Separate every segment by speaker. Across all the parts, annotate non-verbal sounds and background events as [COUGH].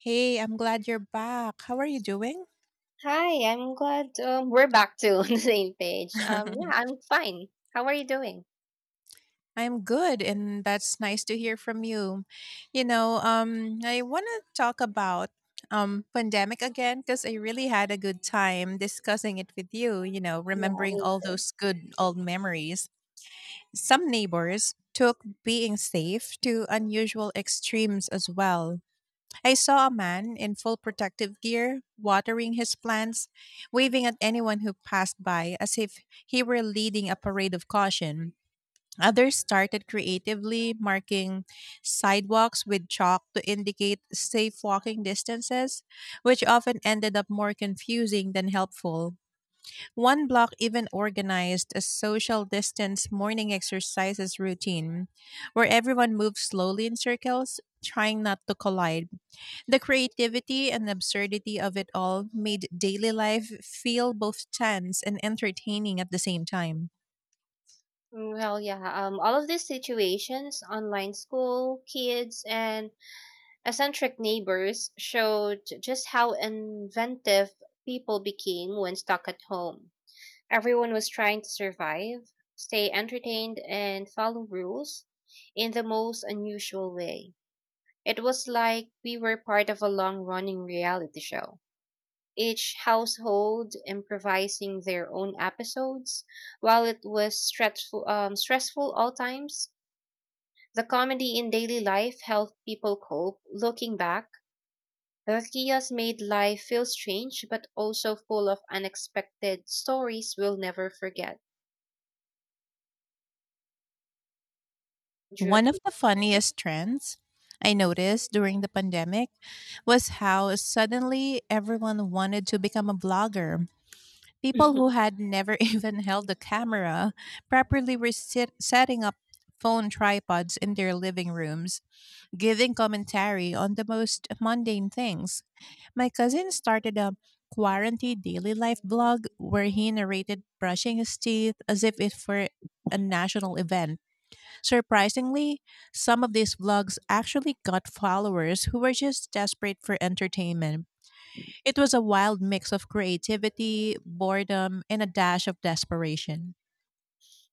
Speaker 1: Hey, I'm glad you're back. How are you doing?
Speaker 2: Hi, I'm glad we're back to [LAUGHS] on the same page. Yeah,
Speaker 1: [LAUGHS]
Speaker 2: I'm fine. How are you doing?
Speaker 1: I'm good, and that's nice to hear from you. I want to talk about pandemic again because I really had a good time discussing it with you. You know,
Speaker 2: Yeah,
Speaker 1: remembering
Speaker 2: me
Speaker 1: all
Speaker 2: too.
Speaker 1: those good old memories. Some neighbors took being safe to unusual extremes as well. I saw a man in full protective gear watering his plants, waving at anyone who passed by as if he were leading a parade of caution. Others started creatively marking sidewalks with chalk to indicate safe walking distances, which often ended up more confusing than helpful. One block even organized a social distance morning exercises routine where everyone moved slowly in circles, trying not to collide the creativity and absurdity of it all made daily life feel both tense and entertaining at the same time.
Speaker 2: Well, yeah, all of these situations, online school, kids, and eccentric neighbors showed just how inventive people became when stuck at home. Everyone was trying to survive, stay entertained, and follow rules in the most unusual way. It was like we were part of a long running reality show, each household improvising their own episodes. While it was stressful all times, the comedy in daily life helped people cope. Looking back, the chaos made life feel strange but also full of unexpected stories we'll never forget. Would you
Speaker 1: One of the
Speaker 2: agree?
Speaker 1: funniest trends I noticed during the pandemic was how suddenly everyone wanted to become a blogger. People who
Speaker 2: [LAUGHS]
Speaker 1: had never [LAUGHS] even held a camera properly were setting up phone tripods in their living rooms, giving commentary on the most mundane things. My cousin started a quarantine daily life blog where he narrated brushing his teeth as if it were a national event. Surprisingly, some of these vlogs actually got followers who were just desperate for entertainment it was a wild mix of creativity, boredom, and a dash of desperation.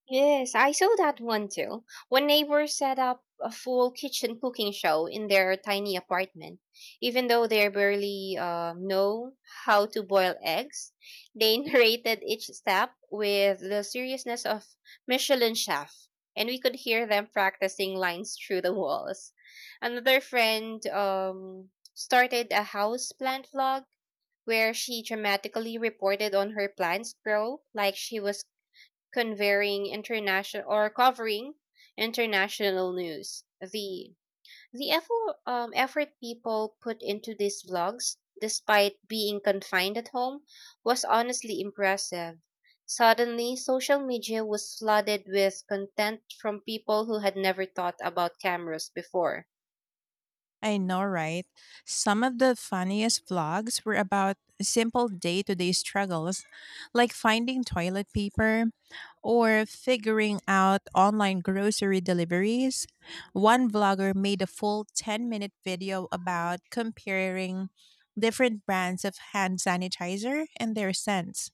Speaker 2: Yes, I saw that one too. One neighbor set up a full kitchen cooking show in their tiny apartment. Even though they barely know how to boil eggs, they [LAUGHS] narrated each step with the seriousness of Michelin chef, and we could hear them practicing lines through the walls. Another friend started a house plant vlog where she dramatically reported on her plants grow like she was conveying international or covering international news. The effort people put into these vlogs, despite being confined at home, was honestly impressive. Suddenly, social media was flooded with content from people who had never thought about cameras before.
Speaker 1: I know, right? Some of the funniest vlogs were about simple day to day struggles, like finding toilet paper or figuring out online grocery deliveries. One vlogger made a full 10-minute video about comparing different brands of hand sanitizer and their scents,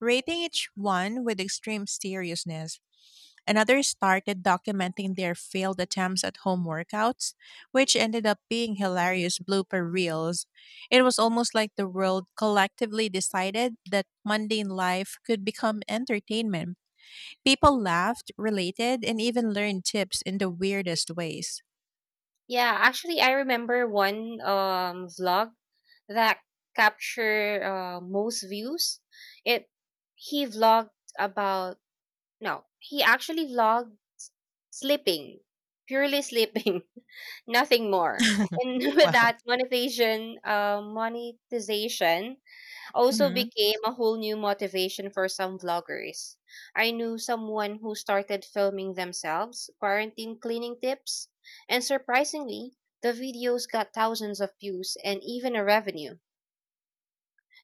Speaker 1: rating each one with extreme seriousness. And others started documenting their failed attempts at home workouts, which ended up being hilarious blooper reels. It was almost like the world collectively decided that mundane life could become entertainment. People laughed, related, and even learned tips in the weirdest ways.
Speaker 2: Yeah, actually, I remember one vlog that captured most views. It he vlogged about— no, he actually vlogged sleeping, purely sleeping, [LAUGHS] nothing more.
Speaker 1: [LAUGHS]
Speaker 2: And [LAUGHS]
Speaker 1: Wow.
Speaker 2: with that, monetization also
Speaker 1: Mhm.
Speaker 2: became a whole new motivation for some vloggers. I knew someone who started filming themselves, quarantine cleaning tips, and surprisingly, the videos got thousands of views and even a revenue.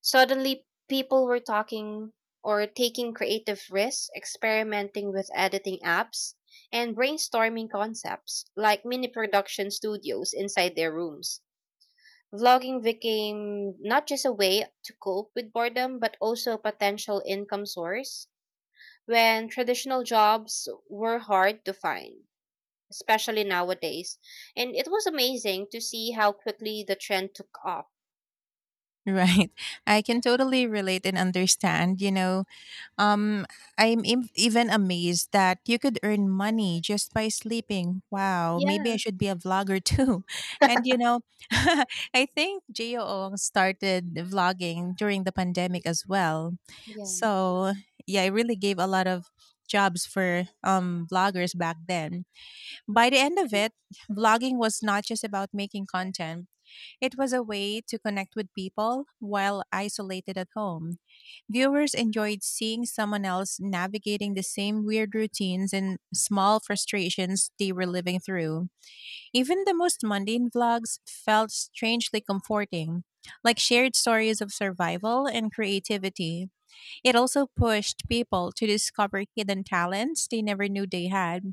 Speaker 2: Suddenly, people were talking or taking creative risks, experimenting with editing apps, and brainstorming concepts like mini production studios inside their rooms. Vlogging became not just a way to cope with boredom, but also a potential income source when traditional jobs were hard to find, especially nowadays. And it was amazing to see how quickly the trend took off.
Speaker 1: Right. I can totally relate and understand. Um, even amazed that you could earn money just by sleeping. Wow, maybe I
Speaker 2: Yeah.
Speaker 1: should be a vlogger too. [LAUGHS] And [LAUGHS] I think JOO started vlogging during the pandemic as well.
Speaker 2: Yeah.
Speaker 1: So yeah, it really gave a lot of jobs for vloggers back then. By the end of it, vlogging was not just about making content. It was a way to connect with people while isolated at home. Viewers enjoyed seeing someone else navigating the same weird routines and small frustrations they were living through. Even the most mundane vlogs felt strangely comforting, like shared stories of survival and creativity. It also pushed people to discover hidden talents they never knew they had.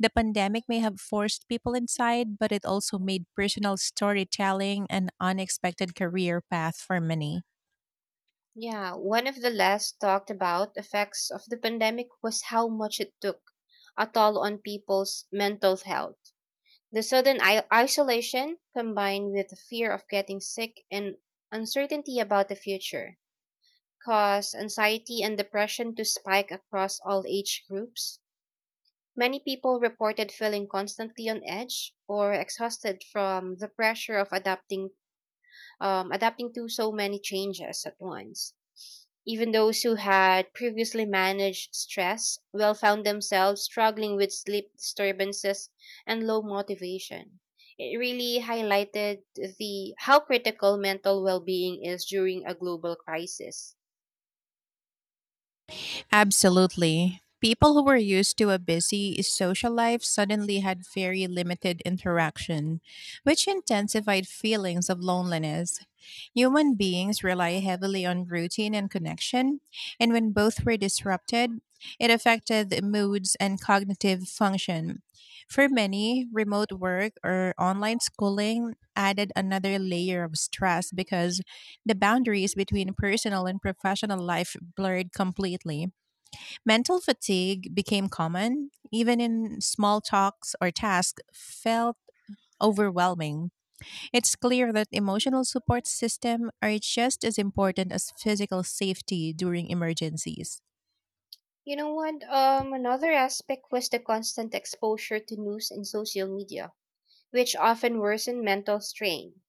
Speaker 1: The pandemic may have forced people inside, but it also made personal storytelling an unexpected career path for many.
Speaker 2: Yeah, one of the less talked about effects of the pandemic was how much it took a toll on people's mental health. The sudden isolation, combined with the fear of getting sick and uncertainty about the future, caused anxiety and depression to spike across all age groups. Many people reported feeling constantly on edge or exhausted from the pressure of adapting to so many changes at once. Even those who had previously managed stress well found themselves struggling with sleep disturbances and low motivation. It really highlighted the how critical mental well-being is during a global crisis.
Speaker 1: Absolutely. People who were used to a busy social life suddenly had very limited interaction, which intensified feelings of loneliness. Human beings rely heavily on routine and connection, and when both were disrupted, it affected the moods and cognitive function. For many, remote work or online schooling added another layer of stress because the boundaries between personal and professional life blurred completely. Mental fatigue became common, even in small talks or tasks felt overwhelming. It's clear that emotional support systems are just as important as physical safety during emergencies.
Speaker 2: You know what? Another aspect was the constant exposure to news and social media, which often worsen mental strain.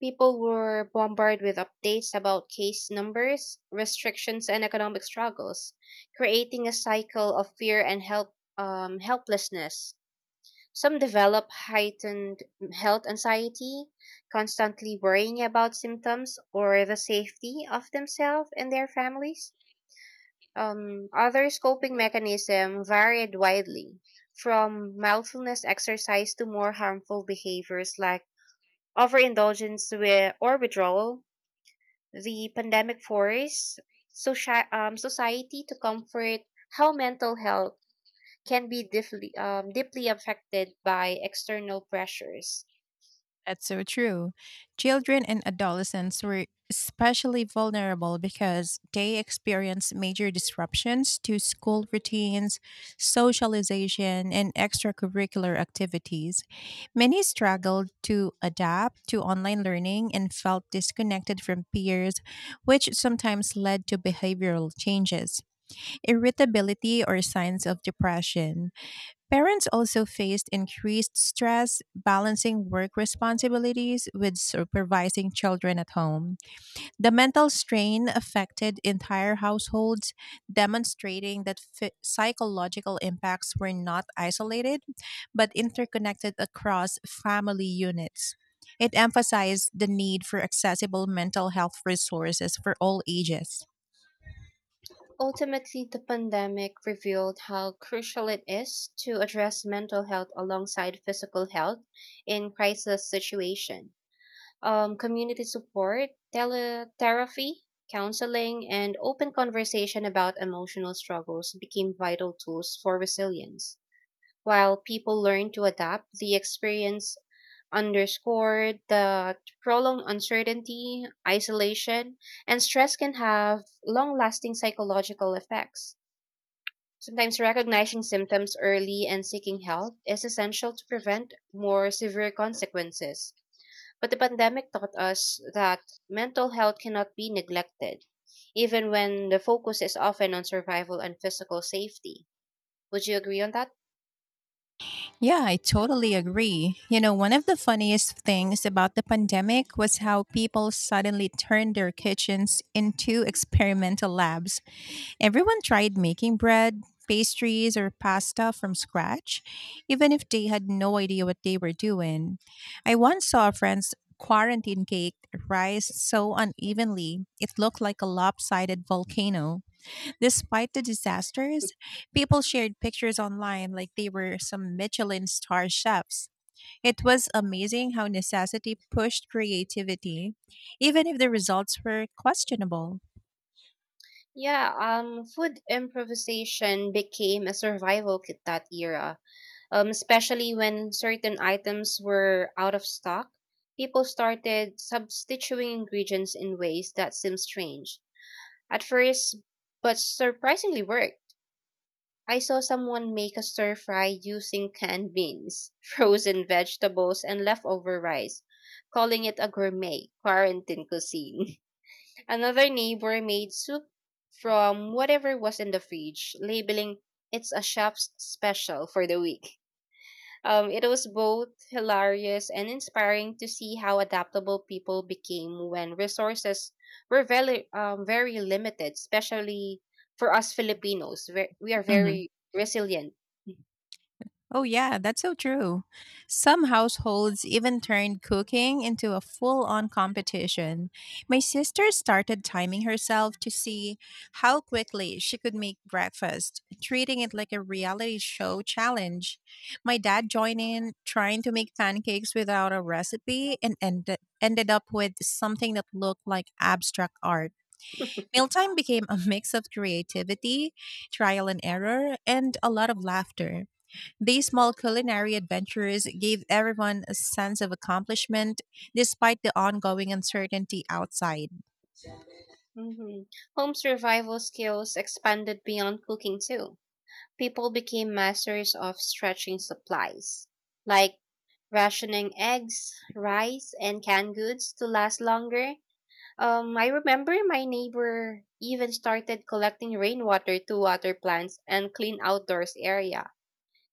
Speaker 2: People were bombarded with updates about case numbers, restrictions, and economic struggles, creating a cycle of fear and helplessness. Some develop heightened health anxiety, constantly worrying about symptoms or the safety of themselves and their families. Others' coping mechanism varied widely, from mindfulness exercise to more harmful behaviors like overindulgence with, or withdrawal. The pandemic forced society to comfort how mental health can be deeply affected by external pressures.
Speaker 1: That's so true. Children and adolescents were especially vulnerable because they experienced major disruptions to school routines, socialization, and extracurricular activities. Many struggled to adapt to online learning and felt disconnected from peers, which sometimes led to behavioral changes, irritability, or signs of depression. Parents also faced increased stress balancing work responsibilities with supervising children at home. The mental strain affected entire households, demonstrating that psychological impacts were not isolated but interconnected across family units. It emphasized the need for accessible mental health resources for all ages.
Speaker 2: Ultimately, the pandemic revealed how crucial it is to address mental health alongside physical health in crisis situation. Community support, teletherapy, counseling, and open conversation about emotional struggles became vital tools for resilience. While people learn to adapt, the experience underscored that prolonged uncertainty, isolation, and stress can have long lasting psychological effects. Sometimes recognizing symptoms early and seeking help is essential to prevent more severe consequences. But the pandemic taught us that mental health cannot be neglected, even when the focus is often on survival and physical safety. Would you agree on that?
Speaker 1: Yeah, I totally agree. You know, one of the funniest things about the pandemic was how people suddenly turned their kitchens into experimental labs. Everyone tried making bread, pastries, or pasta from scratch, even if they had no idea what they were doing. I once saw a friend's quarantine cake rise so unevenly, it looked like a lopsided volcano. Despite the disasters, people shared pictures online like they were some Michelin star chefs. It was amazing how necessity pushed creativity, even if the results were questionable.
Speaker 2: Yeah, food improvisation became a survival kit that era, especially when certain items were out of stock. People started substituting ingredients in ways that seemed strange at first, but surprisingly worked. I saw someone make a stir fry using canned beans, [LAUGHS] frozen vegetables, and leftover rice, calling it a gourmet quarantine cuisine. [LAUGHS] Another neighbor made soup from whatever was in the fridge, labeling it's a chef's special for the week. It was both hilarious and inspiring to see how adaptable people became when resources were very limited, especially for us Filipinos. We are very resilient.
Speaker 1: Oh, yeah, that's so true. Some households even turned cooking into a full on competition. My sister started timing herself to see how quickly she could make breakfast, treating it like a reality show challenge. My dad joined in, trying to make pancakes without a recipe, and ended up with something that looked like abstract art. Mealtime became a mix of creativity, trial and error, and a lot of laughter. These small culinary adventures gave everyone a sense of accomplishment despite the ongoing uncertainty outside.
Speaker 2: Hmm. Home survival skills expanded beyond cooking too. People became masters of stretching supplies, like rationing eggs, rice, and canned goods to last longer. I remember my neighbor even started collecting rainwater to water plants and clean outdoors area,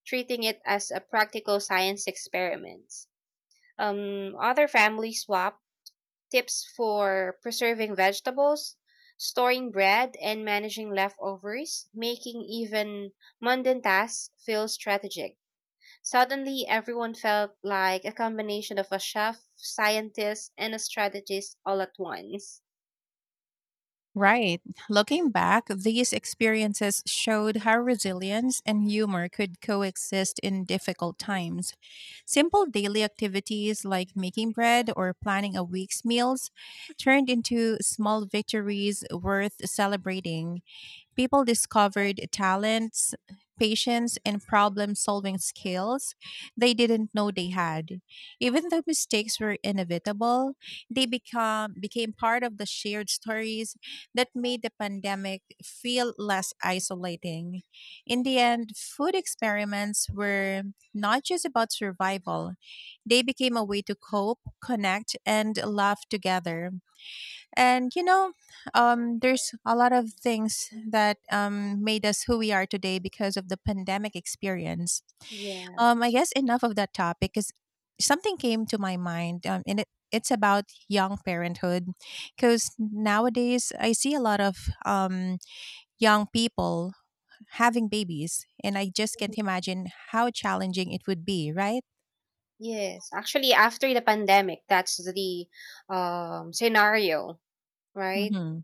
Speaker 2: treating it as a practical science experiment. Other families swap tips for preserving vegetables, storing bread, and managing leftovers, making even mundane tasks feel strategic. Suddenly, everyone felt like a combination of a chef, scientist, and a strategist all at once.
Speaker 1: Right. Looking back, these experiences showed how resilience and humor could coexist in difficult times. Simple daily activities like making bread or planning a week's meals turned into small victories worth celebrating. People discovered talents, patience, and problem solving skills they didn't know they had. Even though mistakes were inevitable, became part of the shared stories that made the pandemic feel less isolating. In the end, food experiments were not just about survival, they became a way to cope, connect, and laugh together. And there's a lot of things that made us who we are today because of the pandemic experience.
Speaker 2: Yeah.
Speaker 1: I guess enough of that topic because something came to my mind, and it's about young parenthood. Because nowadays, I see a lot of um, young people having babies, and I just
Speaker 2: Mhm.
Speaker 1: can't imagine how challenging it would be, right?
Speaker 2: Yes. Actually, after the pandemic, that's the scenario, right?
Speaker 1: Mm-hmm.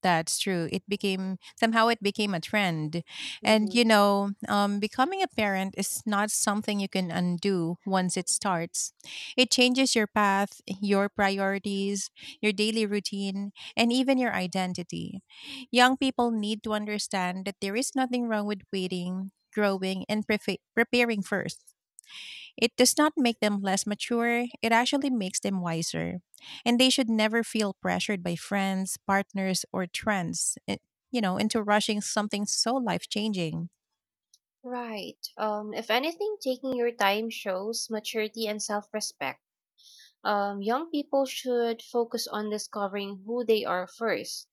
Speaker 1: That's true. It became somehow it became a trend. And
Speaker 2: Mm-hmm.
Speaker 1: becoming a parent is not something you can undo once it starts. It changes your path, your priorities, your daily routine, and even your identity. Young people need to understand that there is nothing wrong with waiting, growing, and preparing first. It does not make them less mature, it actually makes them wiser. And they should never feel pressured by friends, partners, or trends, into rushing something so life changing.
Speaker 2: Right. If anything, taking your time shows maturity and self respect. Young people should focus on discovering who they are first,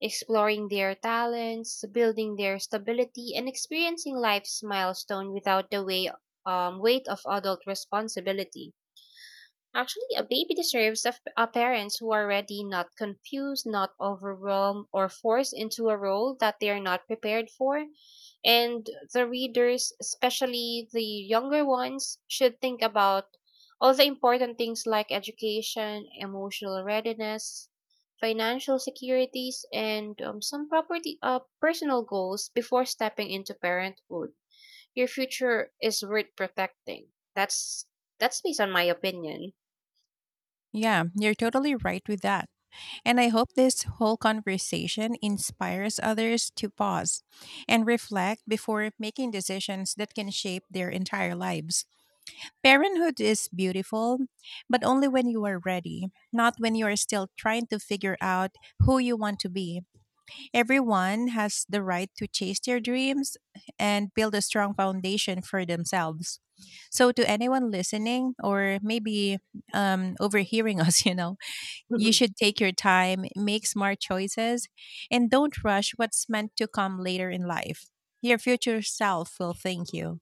Speaker 2: exploring their talents, building their stability, and experiencing life's milestone without the weight of adult responsibility. Actually, a baby deserves a parents who are ready, not confused, not overwhelmed, or forced into a role that they are not prepared for. And the readers, especially the younger ones, should think about all the important things like education, emotional readiness, financial securities, and personal goals before stepping into parenthood. Your future is worth protecting. That's based on my opinion.
Speaker 1: Yeah, you're totally right with that. And I hope this whole conversation inspires others to pause and reflect before making decisions that can shape their entire lives. Parenthood is beautiful, but only when you are ready, not when you are still trying to figure out who you want to be. Everyone has the right to chase their dreams and build a strong foundation for themselves. So, to anyone listening or maybe overhearing us, [LAUGHS] you should
Speaker 2: [LAUGHS]
Speaker 1: take your time, make smart choices, and don't rush what's meant to come later in life. Your future self will thank you.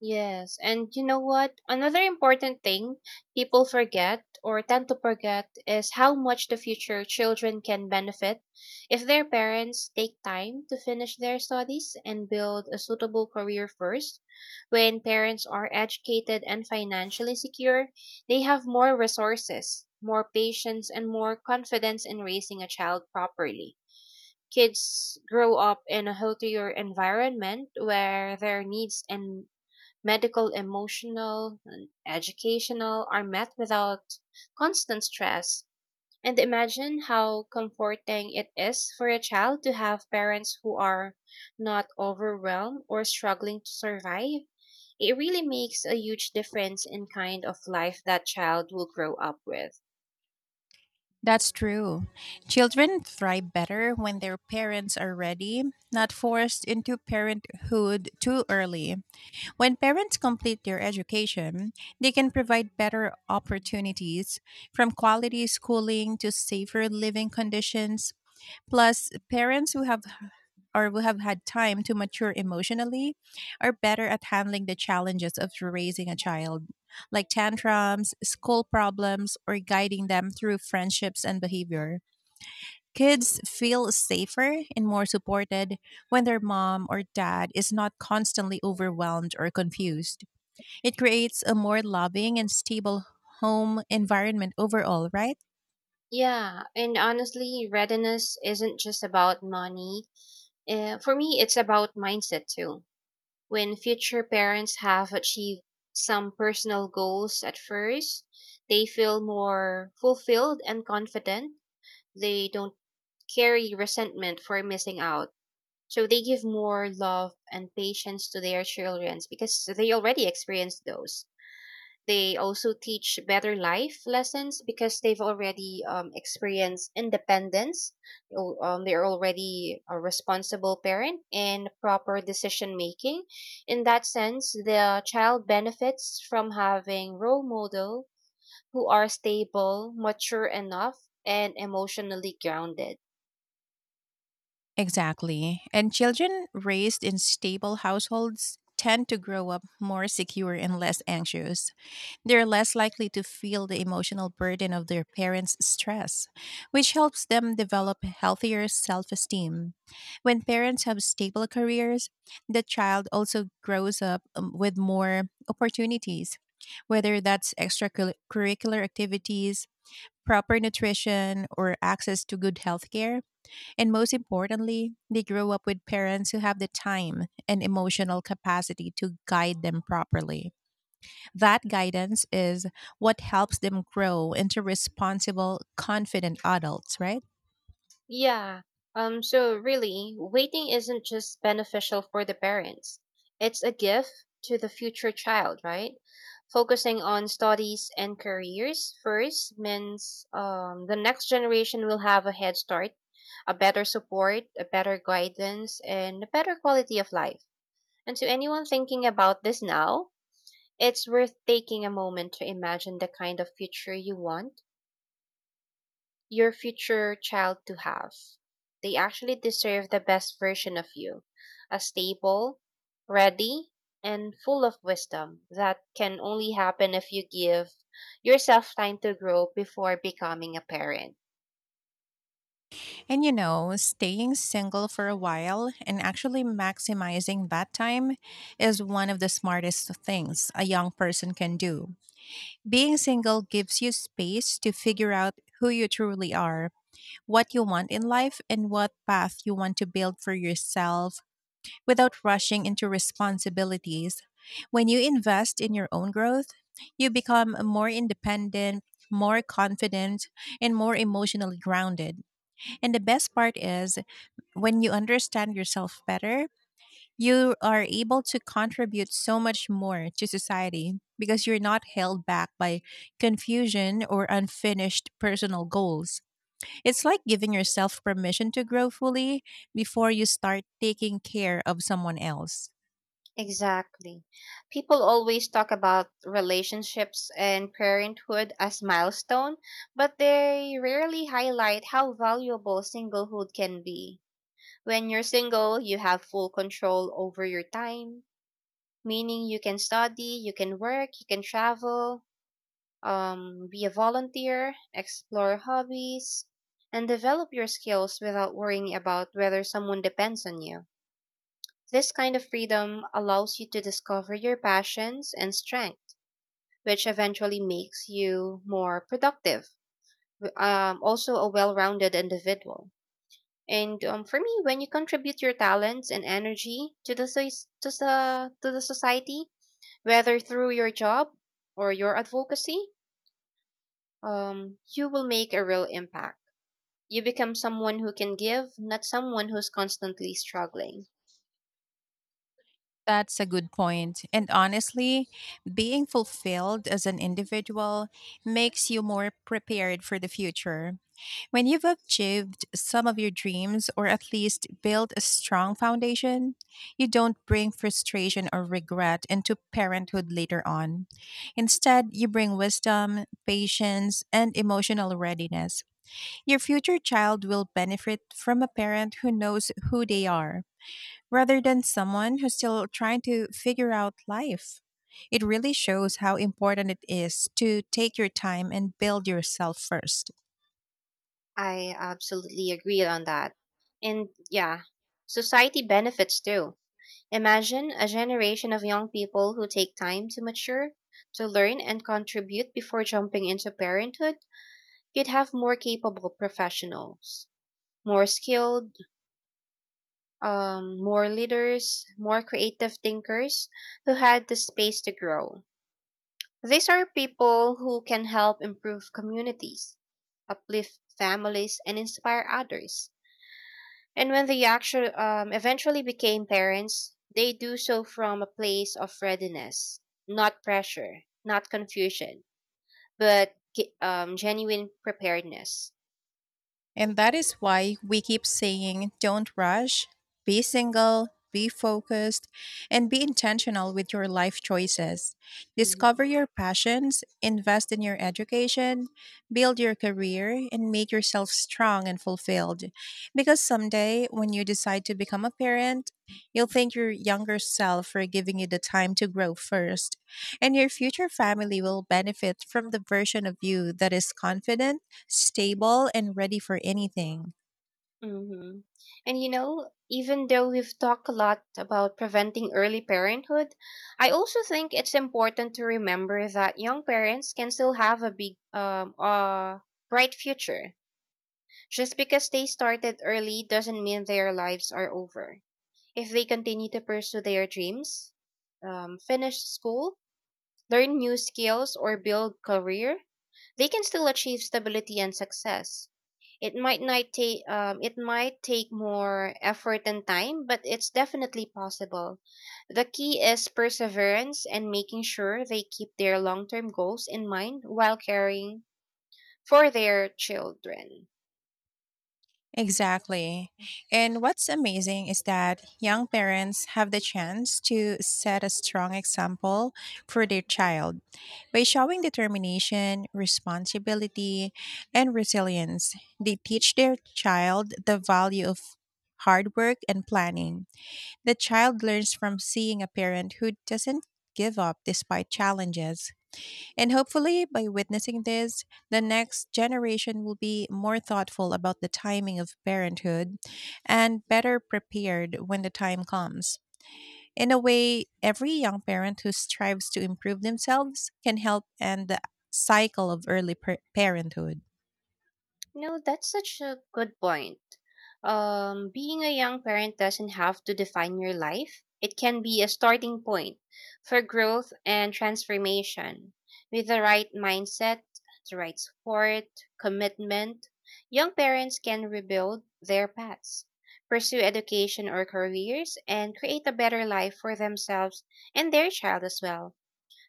Speaker 2: Yes, and you know what? Another important thing people forget or tend to forget is how much the future children can benefit if their parents take time to finish their studies and build a suitable career first. When parents are educated and financially secure, they have more resources, more patience, and more confidence in raising a child properly. Kids grow up in a healthier environment where their needs and medical, emotional, and educational are met without constant stress. And imagine how comforting it is for a child to have parents who are not overwhelmed or struggling to survive. It really makes a huge difference in kind of life that child will grow up with.
Speaker 1: That's true. Children thrive better when their parents are ready, not forced into parenthood too early. When parents complete their education, they can provide better opportunities from quality schooling to safer living conditions. Plus, parents who have or who have had time to mature emotionally are better at handling the challenges of raising a child, like tantrums, school problems, or guiding them through friendships and behavior. Kids feel safer and more supported when their mom or dad is not constantly overwhelmed or confused. It creates a more loving and stable home environment overall, right?
Speaker 2: Yeah, and honestly, readiness isn't just about money. For me, it's about mindset too. When future parents have achieved some personal goals at first, they feel more fulfilled and confident. They don't carry resentment for missing out. So they give more love and patience to their children because they already experienced those. They also teach better life lessons because they've already experienced independence. Oh, they're already a responsible parent and proper decision making. In that sense, the child benefits from having role model who are stable, mature enough, and emotionally grounded.
Speaker 1: Exactly. And children raised in stable households tend to grow up more secure and less anxious. They're less likely to feel the emotional burden of their parents' stress, which helps them develop healthier self esteem. When parents have stable careers, the child also grows up with more opportunities, whether that's extracurricular activities, proper nutrition, or access to good health care. And most importantly, they grow up with parents who have the time and emotional capacity to guide them properly. That guidance is what helps them grow into responsible, confident adults, right?
Speaker 2: Yeah. So really, waiting isn't just beneficial for the parents. It's a gift to the future child, right? Focusing on studies and careers first means the next generation will have a head start, a better support, a better guidance, and a better quality of life. And to anyone thinking about this now, it's worth taking a moment to imagine the kind of future you want your future child to have. They actually deserve the best version of you, a stable, ready, and full of wisdom that can only happen if you give yourself time to grow before becoming a parent.
Speaker 1: And staying single for a while and actually maximizing that time is one of the smartest things a young person can do. Being single gives you space to figure out who you truly are what you want in life and what path you want to build for yourself without rushing into responsibilities. When you invest in your own growth, you become more independent, more confident, and more emotionally grounded. And the best part is when you understand yourself better, you are able to contribute so much more to society because you're not held back by confusion or unfinished personal goals. It's like giving yourself permission to grow fully before you start taking care of someone else.
Speaker 2: Exactly. People always talk about relationships and parenthood as milestone, but they rarely highlight how valuable singlehood can be. When you're single, you have full control over your time, meaning you can study, you can work, you can travel, be a volunteer, explore hobbies, and develop your skills without worrying about whether someone depends on you. This kind of freedom allows you to discover your passions and strengths, which eventually makes you more productive, also a well rounded individual. And for me, when you contribute your talents and energy to the, soc- to the society, whether through your job or your advocacy, you will make a real impact. You become someone who can give, not someone who's constantly struggling.
Speaker 1: That's a good point. And honestly, being fulfilled as an individual makes you more prepared for the future. When you've achieved some of your dreams, or at least built a strong foundation, you don't bring frustration or regret into parenthood later on. Instead, you bring wisdom, patience, and emotional readiness. Your future child will benefit from a parent who knows who they are, rather than someone who's still trying to figure out life. It really shows how important it is to take your time and build yourself first.
Speaker 2: I absolutely agree on that. And yeah, society benefits too. Imagine a generation of young people who take time to mature, to learn and contribute before jumping into parenthood, you'd have more capable professionals, more skilled, more leaders, more creative thinkers who had the space to grow. These are people who can help improve communities, uplift families, and inspire others. And when they actually eventually became parents, they do so from a place of readiness, not pressure, not confusion, but genuine preparedness.
Speaker 1: And that is why we keep saying don't rush, be single, be focused, and be intentional with your life choices. Discover
Speaker 2: Hmm.
Speaker 1: your passions, invest in your education, build your career, and make yourself strong and fulfilled. Because someday, when you decide to become a parent, you'll thank your younger self for giving you the time to grow first. And your future family will benefit from the version of you that is confident, stable, and ready for anything.
Speaker 2: Hmm. And you know, even though we've talked a lot about preventing early parenthood, I also think it's important to remember that young parents can still have a bright future. Just because they started early doesn't mean their lives are over. If they continue to pursue their dreams, finish school, learn new skills, or build career, they can still achieve stability and success. It might not take It might take more effort and time, but it's definitely possible. The key is perseverance and making sure they keep their long term goals in mind while caring for their children.
Speaker 1: Exactly. And what's amazing is that young parents have the chance to set a strong example for their child by showing determination, responsibility, and resilience. They teach their child the value of hard work and planning. The child learns from seeing a parent who doesn't give up despite challenges. And hopefully, by witnessing this, the next generation will be more thoughtful about the timing of parenthood and better prepared when the time comes. In a way, every young parent who strives to improve themselves can help end the cycle of parenthood.
Speaker 2: No, that's such a good point. Being a young parent doesn't have to define your life. It can be a starting point for growth and transformation. With the right mindset, the right support, commitment, young parents can rebuild their paths, pursue education or careers, and create a better life for themselves and their child as well.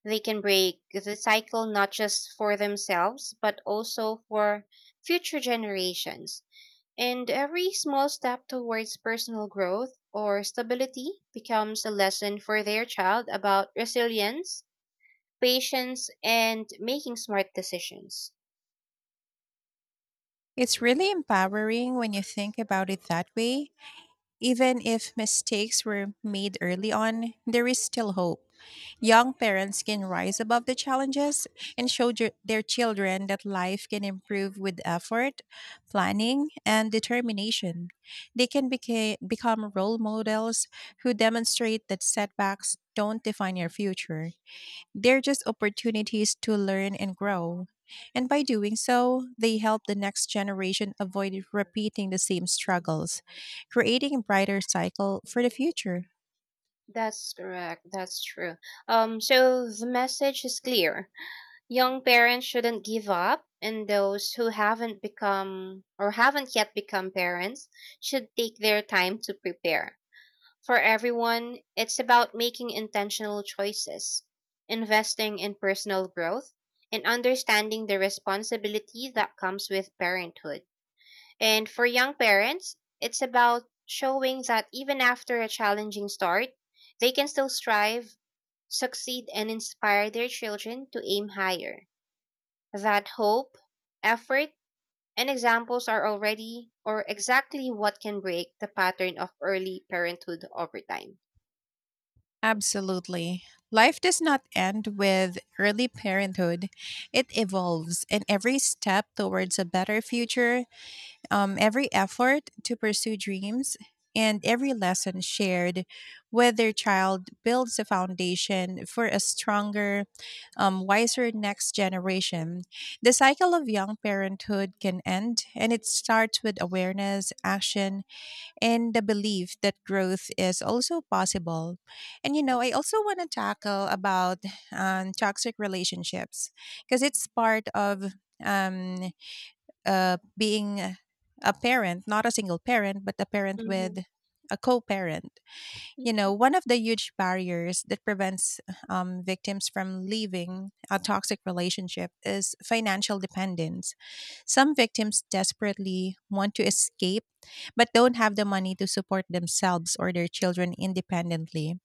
Speaker 2: They can break the cycle not just for themselves, but also for future generations. And every small step towards personal growth or stability becomes a lesson for their child about resilience, patience, and making smart decisions.
Speaker 1: It's really empowering when you think about it that way. Even if mistakes were made early on, there is still hope. Young parents can rise above the challenges and show their children that life can improve with effort, planning, and determination. They can become role models who demonstrate that setbacks don't define your future. They're just opportunities to learn and grow. And by doing so, they help the next generation avoid repeating the same struggles, creating a brighter cycle for the future.
Speaker 2: That's correct. That's true. So the message is clear. Young parents shouldn't give up, and those who haven't become or haven't yet become parents should take their time to prepare. For everyone, it's about making intentional choices, investing in personal growth, and understanding the responsibility that comes with parenthood. And for young parents, it's about showing that even after a challenging start, they can still strive, succeed, and inspire their children to aim higher. That hope, effort, and examples are already or exactly what can break the pattern of early parenthood over time.
Speaker 1: Absolutely. Life does not end with early parenthood. It evolves, and every step towards a better future, every effort to pursue dreams, and every lesson shared with their child builds a foundation for a stronger, wiser next generation. The cycle of young parenthood can end, and it starts with awareness, action, and the belief that growth is also possible. And you know, I also want to tackle about toxic relationships because it's part of um being a parent, not a single parent, but a parent
Speaker 2: Mhm.
Speaker 1: with a co parent. You know, one of the huge barriers that prevents victims from leaving a toxic relationship is financial dependence. Some victims desperately want to escape, but don't have the money to support themselves or their children independently.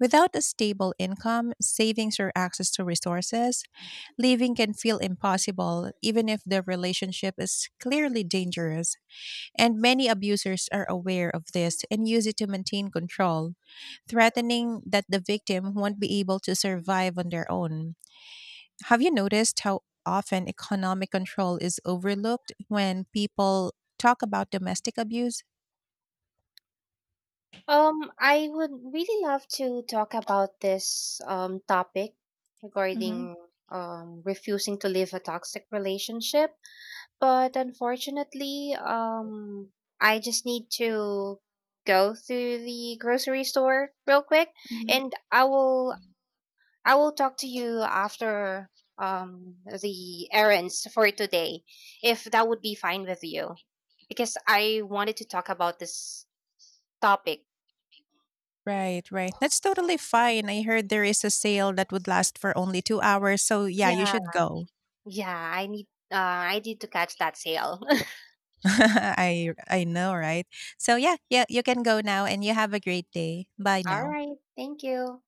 Speaker 1: Without a stable income, savings, or access to resources, living can feel impossible, even if the relationship is clearly dangerous. And many abusers are aware of this and use it to maintain control, threatening that the victim won't be able to survive on their own. Have you noticed how often economic control is overlooked when people talk about domestic abuse?
Speaker 2: I would really love to talk about this topic
Speaker 1: hmm
Speaker 2: regarding refusing to leave a toxic relationship. But unfortunately, I just need to go to the grocery store real quick, and I will talk to you after the errands for today, if that would be fine with you, because I wanted to talk about this topic.
Speaker 1: Right, right. That's totally fine. I heard there is a sale that would last for only 2 hours. So yeah, you
Speaker 2: Yeah,
Speaker 1: should go.
Speaker 2: yeah, I need to catch that sale.
Speaker 1: [LAUGHS] I know, right? So yeah, yeah, you can go now and you have a great day. Bye
Speaker 2: [LAUGHS] All
Speaker 1: now.
Speaker 2: right, thank you.